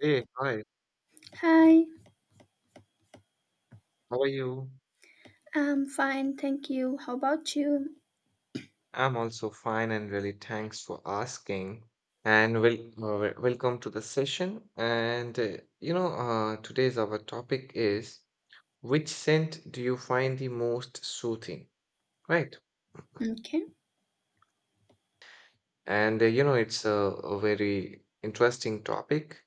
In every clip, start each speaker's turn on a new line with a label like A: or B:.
A: Hey, hi,
B: Hi,
A: how are you?
B: I'm fine, thank you. How about you?
A: I'm also fine and really thanks for asking. Welcome to the session. Today's our topic is, which scent do you find the most soothing, right?
B: Okay,
A: It's a very interesting topic.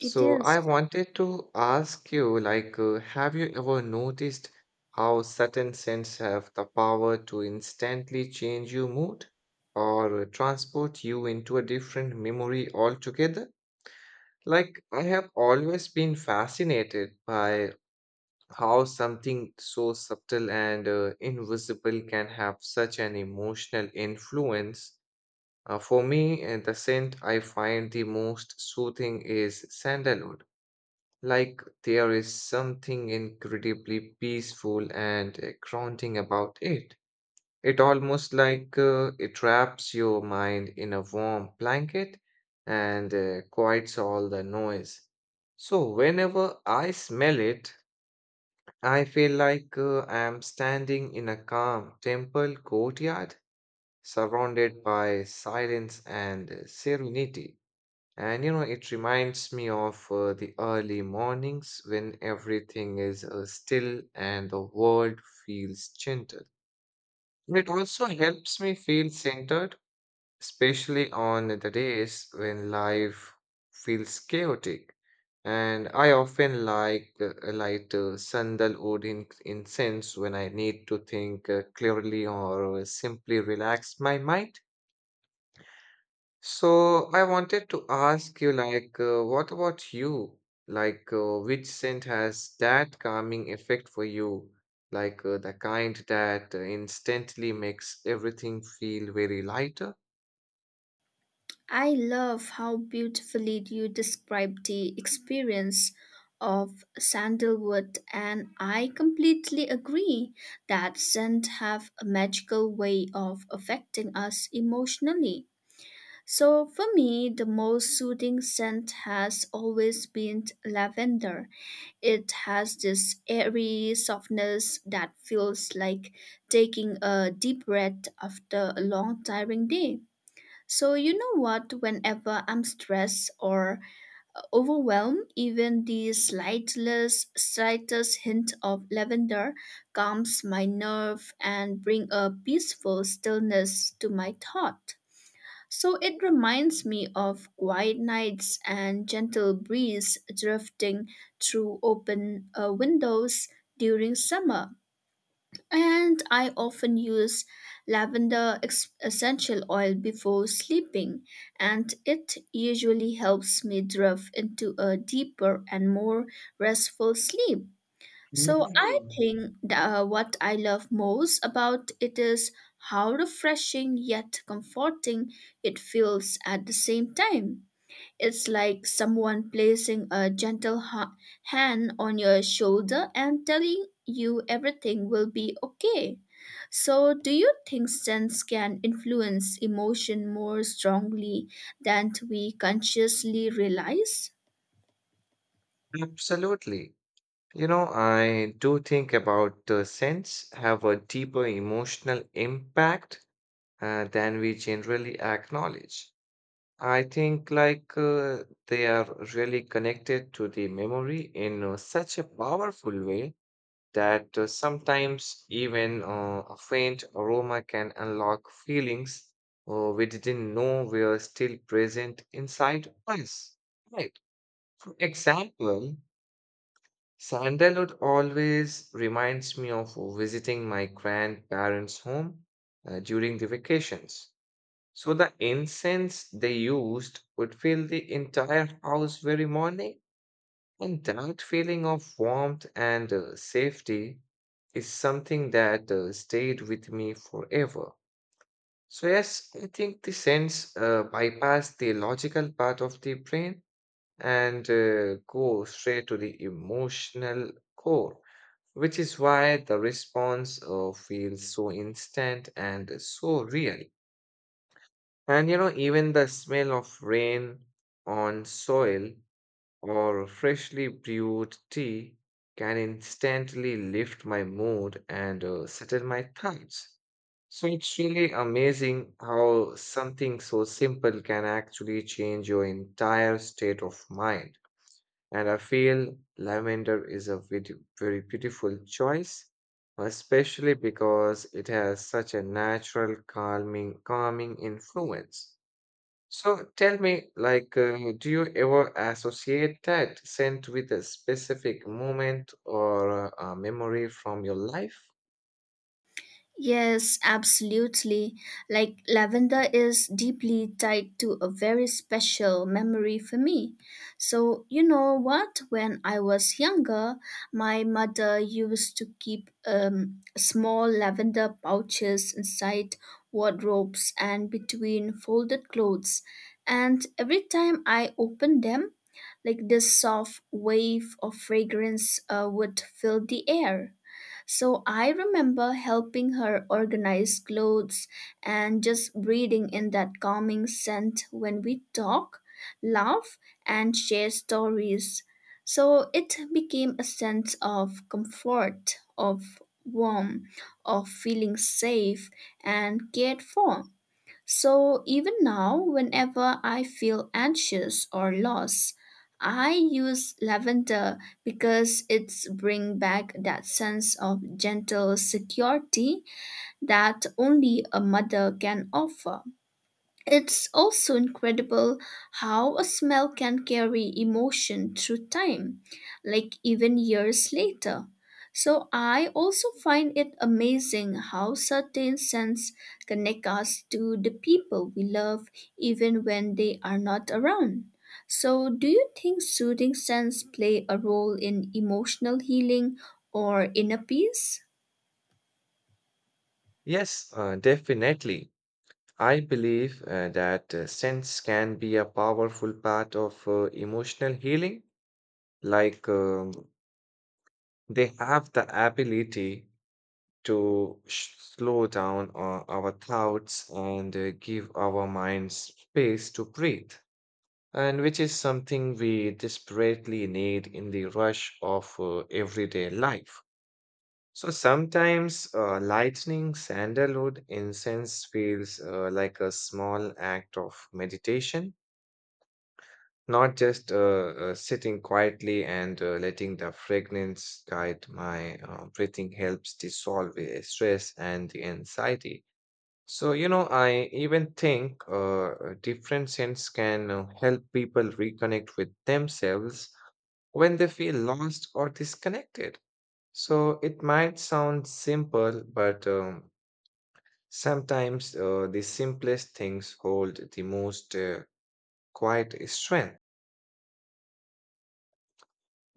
B: it is.
A: I wanted to ask you, have you ever noticed how certain scents have the power to instantly change your mood or transport you into a different memory altogether? Like, I have always been fascinated by how something so subtle and invisible can have such an emotional influence. For me, the scent I find the most soothing is sandalwood. Like, there is something incredibly peaceful and grounding about it. It almost like it wraps your mind in a warm blanket and quiets all the noise. So whenever I smell it, I feel like I am standing in a calm temple courtyard surrounded by silence and serenity. And you know, it reminds me of the early mornings when everything is still and the world feels gentle. It also helps me feel centered, especially on the days when life feels chaotic. And I often light sandal wood incense when I need to think clearly or simply relax my mind. So I wanted to ask you, what about you? Which scent has that calming effect for you? The kind that instantly makes everything feel very lighter?
B: I love how beautifully you described the experience of sandalwood, and I completely agree that scents have a magical way of affecting us emotionally. So for me, the most soothing scent has always been lavender. It has this airy softness that feels like taking a deep breath after a long, tiring day. So, you know what? Whenever I'm stressed or overwhelmed, even the slightest, slightest hint of lavender calms my nerve and bring a peaceful stillness to my thought. So it reminds me of quiet nights and gentle breeze drifting through open windows during summer. And I often use lavender essential oil before sleeping, and it usually helps me drift into a deeper and more restful sleep. So I
A: Mhm.
B: think that what I love most about it is how refreshing yet comforting it feels at the same time. It's like someone placing a gentle hand on your shoulder and telling you everything will be okay. So, do you think sense can influence emotion more strongly than we consciously realize?
A: Absolutely. You know, I do think about scents have a deeper emotional impact than we generally acknowledge. I think they are really connected to the memory in such a powerful way that sometimes even a faint aroma can unlock feelings we didn't know were still present inside us. Right. For example, sandalwood always reminds me of visiting my grandparents' home during the vacations, so the incense they used would fill the entire house very morning, and that feeling of warmth and safety is something that stayed with me forever. So, yes, I think the sense bypass the logical part of the brain and go straight to the emotional core, which is why the response feels so instant and so real. And you know, even the smell of rain on soil or freshly brewed tea can instantly lift my mood and settle my thoughts. So it's really amazing how something so simple can actually change your entire state of mind. And I feel lavender is a very, very beautiful choice, especially because it has such a natural calming influence. So tell me, do you ever associate that scent with a specific moment or a memory from your life?
B: Yes, absolutely. Like lavender is deeply tied to a very special memory for me. So, you know what? When I was younger, my mother used to keep small lavender pouches inside wardrobes and between folded clothes. And every time I opened them, like this soft wave of fragrance would fill the air. So I remember helping her organize clothes and just breathing in that calming scent when we talk, laugh, and share stories. So it became a sense of comfort, of warmth, of feeling safe and cared for. So even now, whenever I feel anxious or lost, I use lavender because it's bring back that sense of gentle security that only a mother can offer. It's also incredible how a smell can carry emotion through time, like even years later. So I also find it amazing how certain scents connect us to the people we love even when they are not around. So do you think soothing scents play a role in emotional healing or inner peace?
A: Yes, definitely. I believe that scents can be a powerful part of emotional healing. Like they have the ability to slow down our thoughts and give our minds space to breathe, and which is something we desperately need in the rush of everyday life. So sometimes lightning sandalwood incense feels like a small act of meditation, not just sitting quietly and letting the fragrance guide my breathing helps dissolve the stress and the anxiety. So, you know, I even think different scents can help people reconnect with themselves when they feel lost or disconnected. So it might sound simple, but sometimes the simplest things hold the most quiet strength.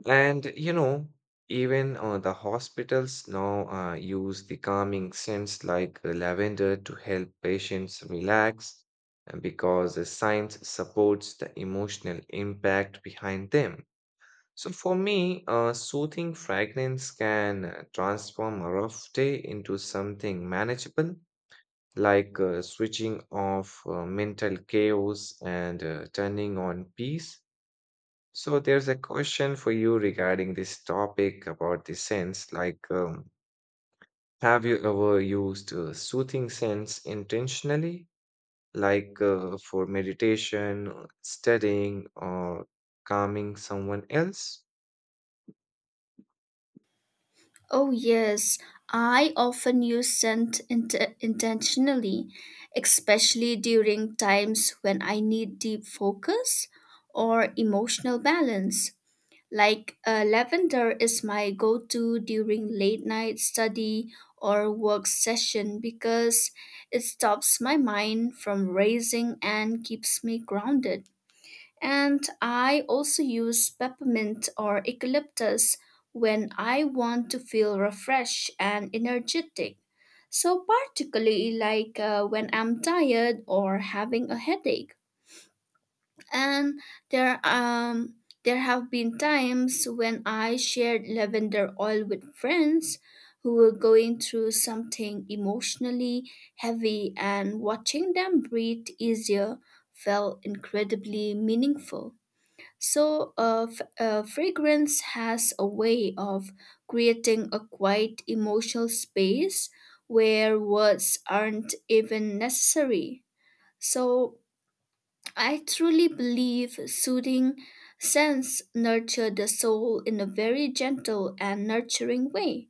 A: And you know, even the hospitals now use the calming scents like lavender to help patients relax because the science supports the emotional impact behind them. So for me, a soothing fragrance can transform a rough day into something manageable, like switching off mental chaos and turning on peace. So there's a question for you regarding this topic about the scents. Have you ever used soothing scents intentionally, like for meditation, studying, or calming someone else?
B: Oh, yes, I often use intentionally, especially during times when I need deep focus or emotional balance. Like, lavender is my go to during late night study or work session because it stops my mind from racing and keeps me grounded. And I also use peppermint or eucalyptus when I want to feel refreshed and energetic. So, particularly like, when I'm tired or having a headache. And there, um, there have been times when I shared lavender oil with friends who were going through something emotionally heavy, and watching them breathe easier felt incredibly meaningful. So, fragrance has a way of creating a quiet emotional space where words aren't even necessary. So, I truly believe soothing scents nurture the soul in a very gentle and nurturing way.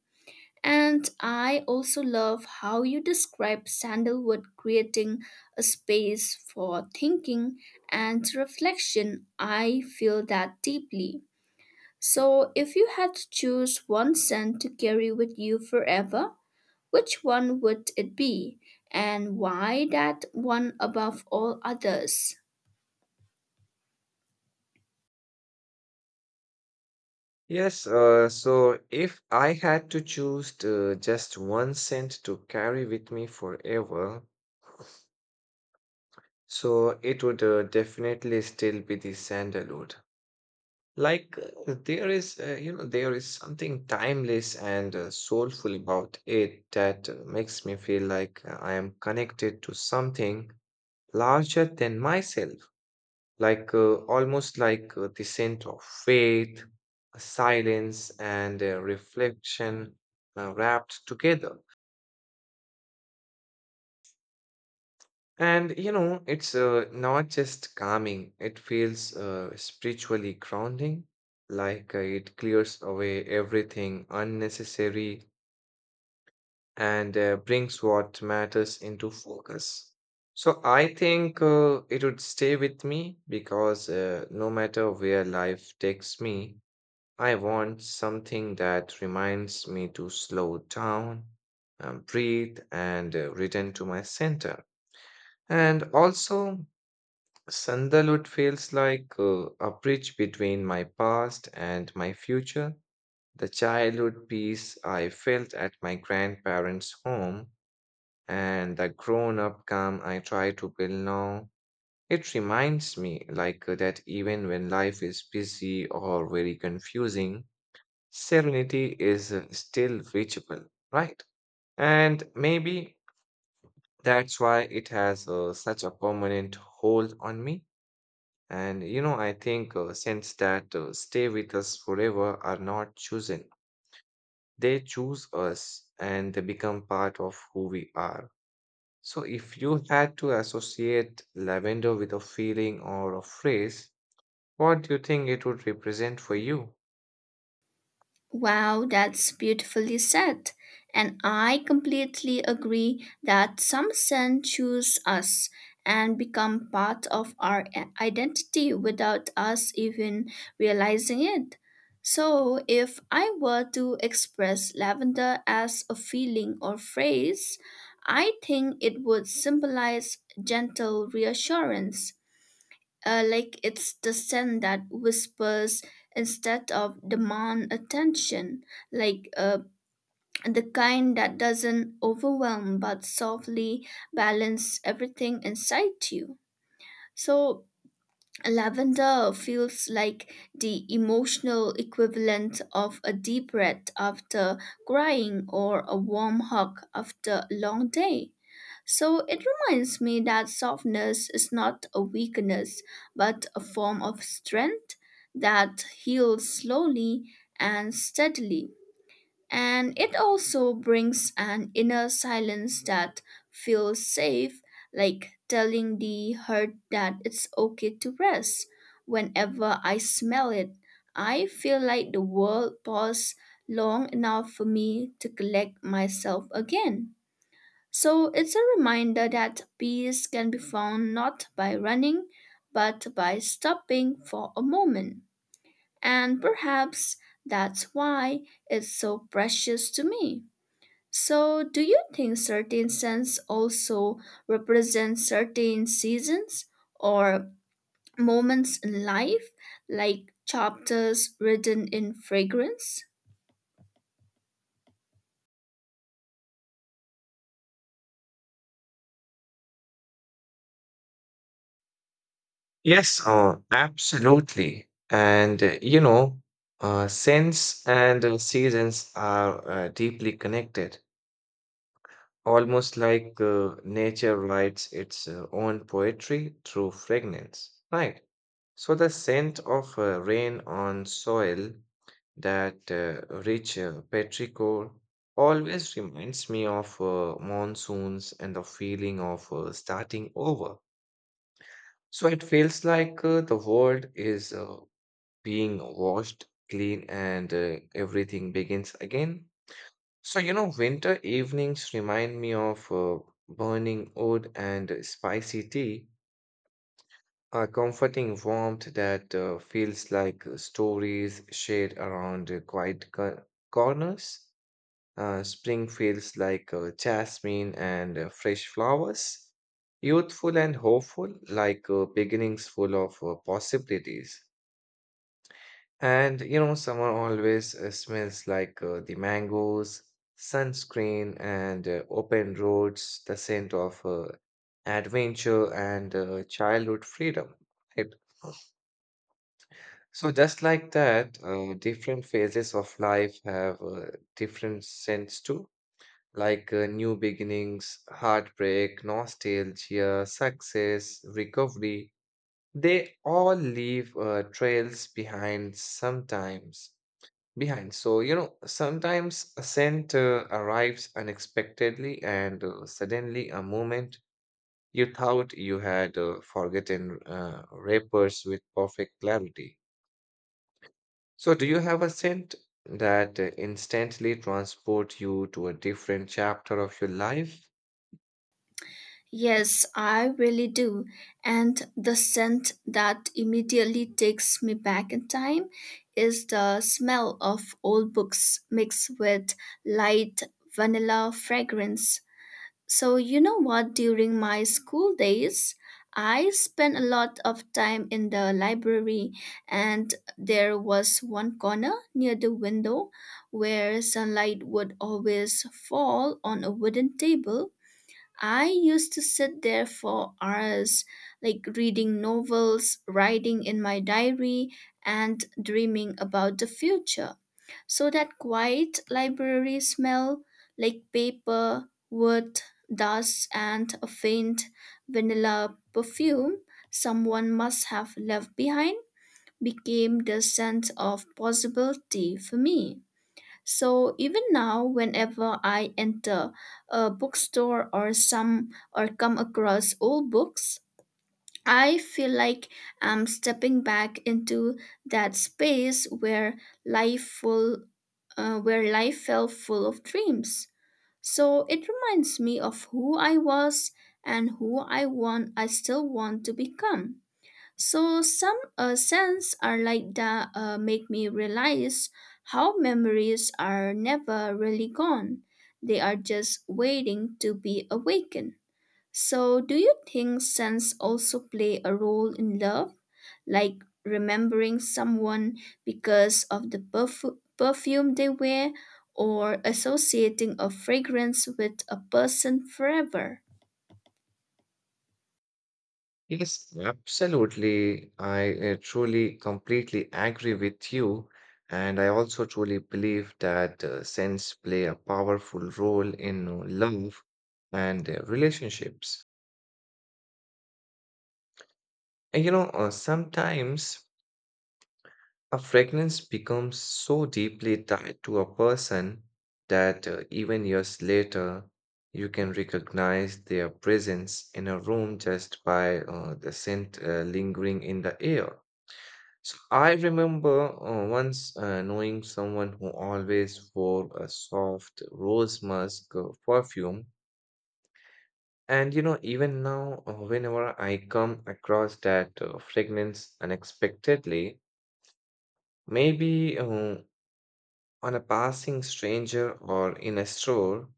B: And I also love how you describe sandalwood creating a space for thinking and reflection. I feel that deeply. So, if you had to choose one scent to carry with you forever, which one would it be? And why that one above all others?
A: Yes, so if I had to choose to just one scent to carry with me forever, so it would definitely still be the sandalwood. Like there is something timeless and soulful about it that makes me feel like I am connected to something larger than myself. Like almost like the scent of faith, silence, and reflection wrapped together. And you know, it's not just calming, it feels spiritually grounding, like it clears away everything unnecessary and brings what matters into focus. So I think it would stay with me because no matter where life takes me, I want something that reminds me to slow down, breathe, and return to my center. And also, sandalwood feels like a bridge between my past and my future. The childhood peace I felt at my grandparents' home and the grown up calm I try to build now. It reminds me, that even when life is busy or very confusing, serenity is still reachable, right? And maybe that's why it has such a permanent hold on me. And you know, I think since that stay with us forever are not chosen, they choose us and they become part of who we are. So, if you had to associate lavender with a feeling or a phrase, what do you think it would represent for you?
B: Wow, that's beautifully said. And I completely agree that some scents choose us and become part of our identity without us even realizing it. So, if I were to express lavender as a feeling or phrase, I think it would symbolize gentle reassurance like it's the scent that whispers instead of demand attention, like, the kind that doesn't overwhelm but softly balance everything inside you. So lavender feels like the emotional equivalent of a deep breath after crying or a warm hug after a long day. So it reminds me that softness is not a weakness, but a form of strength that heals slowly and steadily. And it also brings an inner silence that feels safe, like telling the hurt that it's okay to rest. Whenever I smell it, I feel like the world paused long enough for me to collect myself again. So it's a reminder that peace can be found not by running, but by stopping for a moment. And perhaps that's why it's so precious to me. So, do you think certain scents also represent certain seasons or moments in life, like chapters written in fragrance?
A: Yes, absolutely. Scents and seasons are deeply connected, almost like nature writes its own poetry through fragrance, right? So the scent of rain on soil, that rich petrichor, always reminds me of monsoons and the feeling of starting over. So it feels like the world is being washed, clean, and everything begins again. So, you know, winter evenings remind me of burning wood and spicy tea, a comforting warmth that feels like stories shared around quiet corners. Spring feels like jasmine and fresh flowers, youthful and hopeful, like beginnings full of possibilities. And you know, summer always smells like the mangoes, sunscreen, and open roads, the scent of adventure and childhood freedom. Right? So, just like that, different phases of life have different scents too, like new beginnings, heartbreak, nostalgia, success, recovery. They all leave trails behind sometimes behind. So, you know, sometimes a scent arrives unexpectedly and suddenly a moment you thought you had forgotten wrappers with perfect clarity. So, do you have a scent that instantly transports you to a different chapter of your life?
B: Yes, I really do. And the scent that immediately takes me back in time is the smell of old books mixed with light vanilla fragrance. So, you know what? During my school days, I spent a lot of time in the library, and there was one corner near the window where sunlight would always fall on a wooden table. I used to sit there for hours, like reading novels, writing in my diary, and dreaming about the future. So that quiet library smell, like paper, wood, dust, and a faint vanilla perfume someone must have left behind, became the scent of possibility for me. So even now, whenever I enter a bookstore or some or come across old books, I feel like I'm stepping back into that space where life full, where life felt full of dreams. So it reminds me of who I was and who I want. I still want to become. So some scents are like that make me realize how memories are never really gone. They are just waiting to be awakened. So do you think scents also play a role in love? Like remembering someone because of the perfume they wear or associating a fragrance with a person forever?
A: Yes, absolutely. I truly, completely agree with you. And I also truly believe that scents play a powerful role in love and relationships. Sometimes a fragrance becomes so deeply tied to a person that even years later, you can recognize their presence in a room just by the scent lingering in the air. So I remember once knowing someone who always wore a soft rose musk perfume. And you know, even now, whenever I come across that fragrance unexpectedly, maybe on a passing stranger or in a store,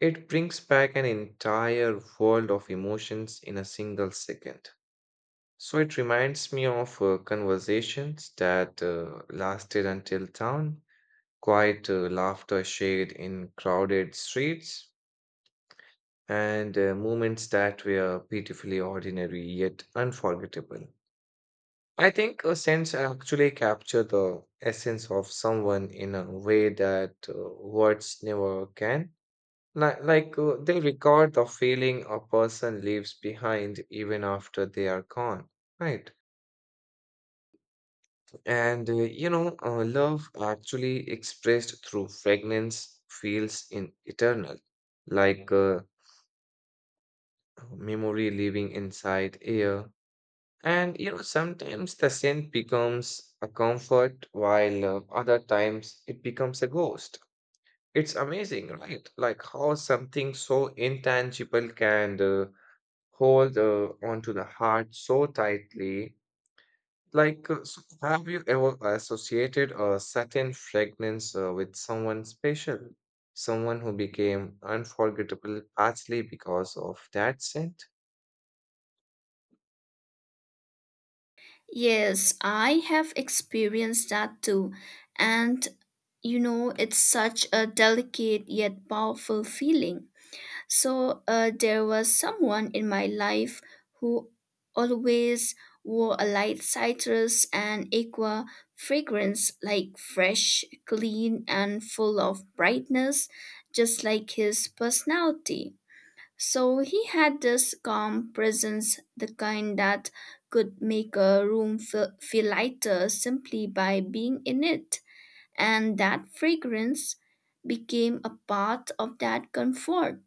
A: it brings back an entire world of emotions in a single second. So it reminds me of conversations that lasted until dawn, quiet laughter shared in crowded streets, and moments that were beautifully ordinary yet unforgettable. I think a sense actually capture the essence of someone in a way that words never can. They record the feeling a person leaves behind even after they are gone, right? Love actually expressed through fragrance feels in eternal, like memory living inside air. And you know, sometimes the scent becomes a comfort, while other times it becomes a ghost. It's amazing, right? Like how something so intangible can hold onto the heart so tightly. So have you ever associated a certain fragrance with someone special? Someone who became unforgettable partly because of that scent?
B: Yes, I have experienced that too. And you know, it's such a delicate yet powerful feeling. So, there was someone in my life who always wore a light citrus and aqua fragrance, like fresh, clean, and full of brightness, just like his personality. So he had this calm presence, the kind that could make a room feel lighter simply by being in it. And that fragrance became a part of that comfort.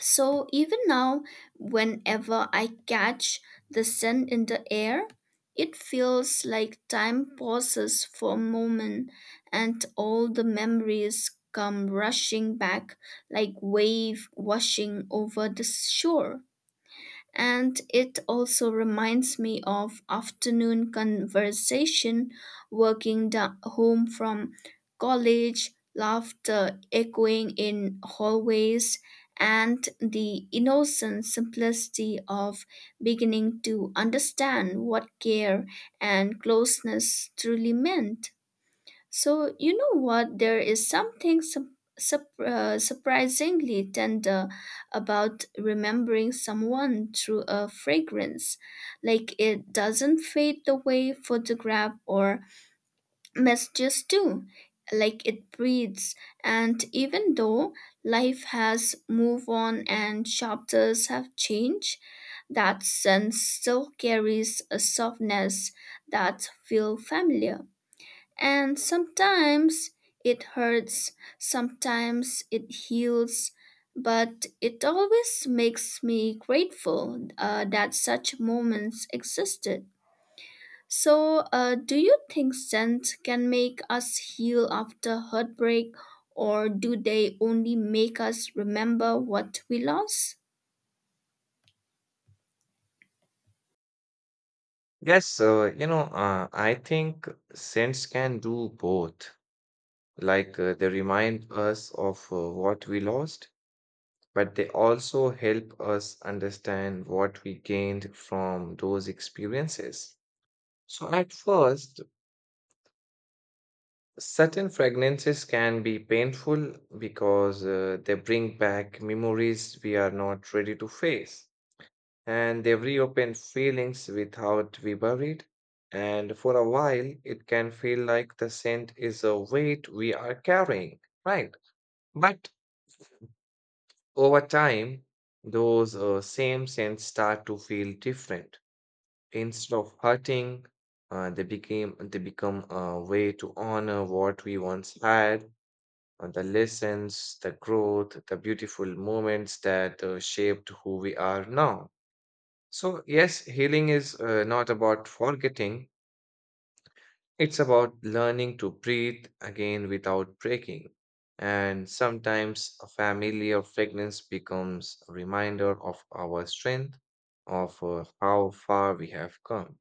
B: So even now, whenever I catch the scent in the air, it feels like time pauses for a moment and all the memories come rushing back like wave washing over the shore, and it also reminds me of afternoon conversation, home from college, laughter echoing in hallways, and the innocent simplicity of beginning to understand what care and closeness truly meant. So, you know what? There is something surprisingly tender about remembering someone through a fragrance. Like it doesn't fade the way photograph or messages do. Like it breathes. And even though life has moved on and chapters have changed, that scent still carries a softness that feels familiar. And sometimes it hurts, sometimes it heals, but it always makes me grateful that such moments existed. So, do you think scent can make us heal after heartbreak, or do they only make us remember what we lost?
A: Yes, I think scents can do both. They remind us of what we lost, but they also help us understand what we gained from those experiences. So, at first, certain fragrances can be painful because they bring back memories we are not ready to face, and they reopen feelings without we buried. And for a while, it can feel like the scent is a weight we are carrying, right? But over time, those same scents start to feel different. Instead of hurting, they become a way to honor what we once had, the lessons, the growth, the beautiful moments that shaped who we are now. So yes, healing is not about forgetting; it's about learning to breathe again without breaking. And sometimes a familiar fragrance becomes a reminder of our strength, of how far we have come.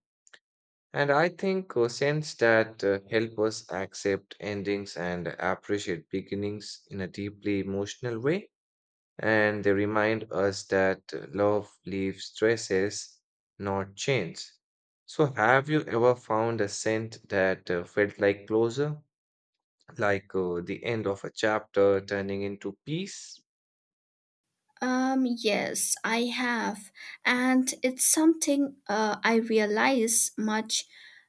A: And I think questions that help us accept endings and appreciate beginnings in a deeply emotional way. And they remind us that love leaves traces, not chains. So, have you ever found a scent that felt like closure, like the end of a chapter turning into peace?
B: Yes, I have. And it's something I realized much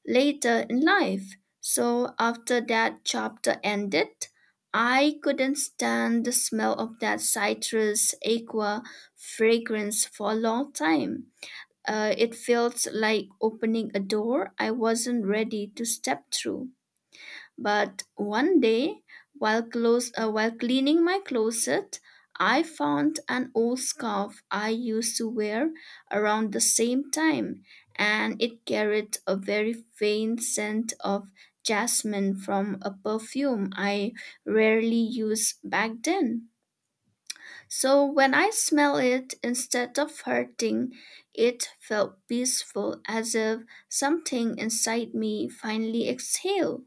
B: later in life. So after that chapter ended, I couldn't stand the smell of that citrus aqua fragrance for a long time. It felt like opening a door I wasn't ready to step through. But one day, while cleaning my closet, I found an old scarf I used to wear around the same time, and it carried a very faint scent of jasmine from a perfume I rarely used back then. So when I smell it, instead of hurting, it felt peaceful, as if something inside me finally exhaled.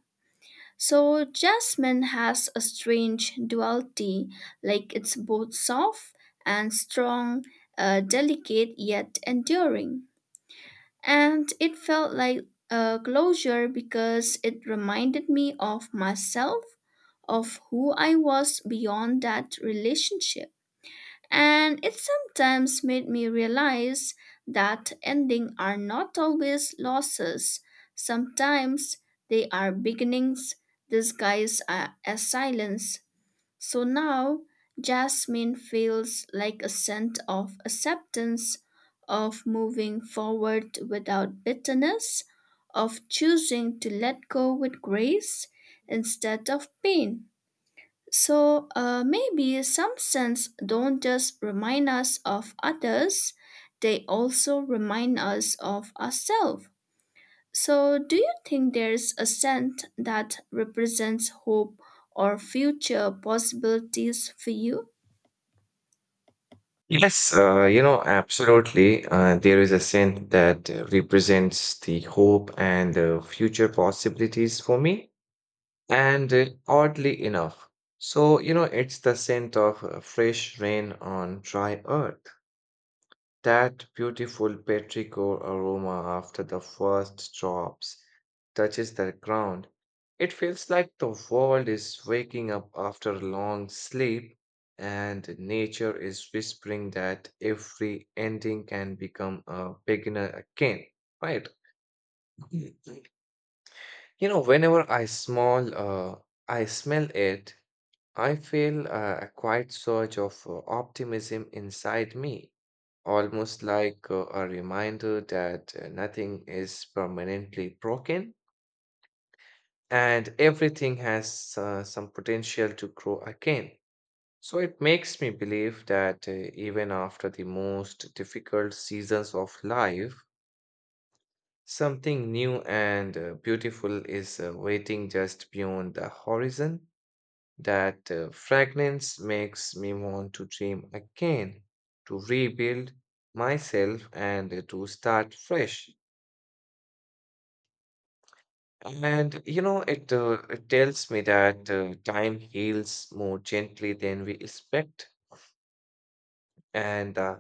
B: So jasmine has a strange duality, like it's both soft and strong, delicate yet enduring. And it felt like a closure because it reminded me of myself, of who I was beyond that relationship. And it sometimes made me realize that endings are not always losses. Sometimes they are beginnings disguised as silence. So now, jasmine feels like a sense of acceptance, of moving forward without bitterness, of choosing to let go with grace instead of pain. So maybe some scents don't just remind us of others, they also remind us of ourselves. So, do you think there's a scent that represents hope or future possibilities for you?
A: Yes, absolutely. There is a scent that represents the hope and future possibilities for me. And Oddly enough, it's the scent of fresh rain on dry earth, that beautiful petrichor aroma after the first drops touches the ground. It feels like the world is waking up after a long sleep, and nature is whispering that every ending can become a beginner again, right? You know, whenever I small, uh, I smell it, I feel a quiet surge of optimism inside me, almost like a reminder that nothing is permanently broken and everything has some potential to grow again. So it makes me believe that even after the most difficult seasons of life, something new and beautiful is waiting just beyond the horizon. That fragrance makes me want to dream again, to rebuild myself and to start fresh. And you know, it, It tells me that time heals more gently than we expect, and the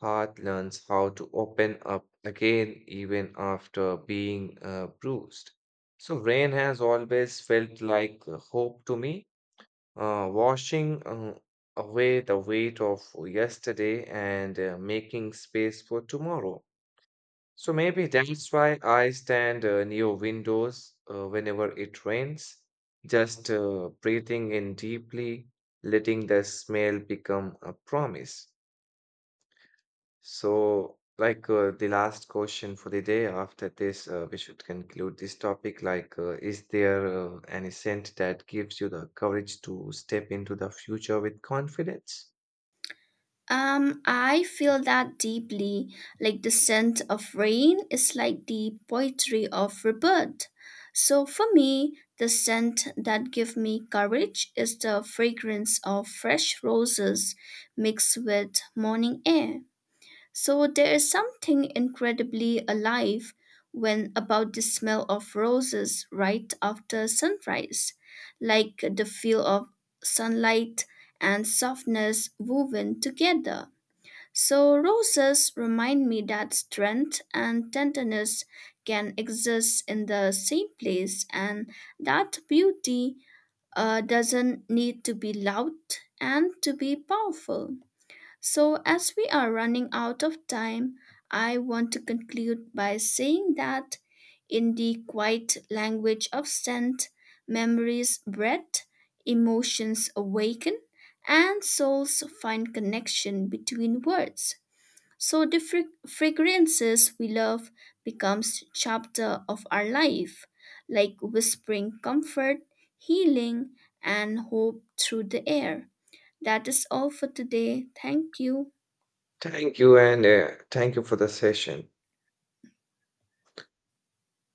A: heart learns how to open up again even after being bruised. So, rain has always felt like hope to me, washing away the weight of yesterday and making space for tomorrow. So maybe that's why I stand near windows whenever it rains, just breathing in deeply, letting the smell become a promise. So, like the last question for the day, after this, we should conclude this topic. Is there any scent that gives you the courage to step into the future with confidence?
B: I feel that deeply. Like the scent of rain is like the poetry of rebirth. So for me, the scent that give me courage is the fragrance of fresh roses mixed with morning air. So there is something incredibly alive when about the smell of roses right after sunrise, like the feel of sunlight and softness woven together. So, roses remind me that strength and tenderness can exist in the same place and that beauty doesn't need to be loud and to be powerful. So, as we are running out of time, I want to conclude by saying that in the quiet language of scent, memories breath, emotions awaken, and souls find connection between words. So the fragrances we love becomes chapter of our life, like whispering comfort, healing, and hope through the air. That is all for today. Thank you.
A: Thank you, and thank you for the session.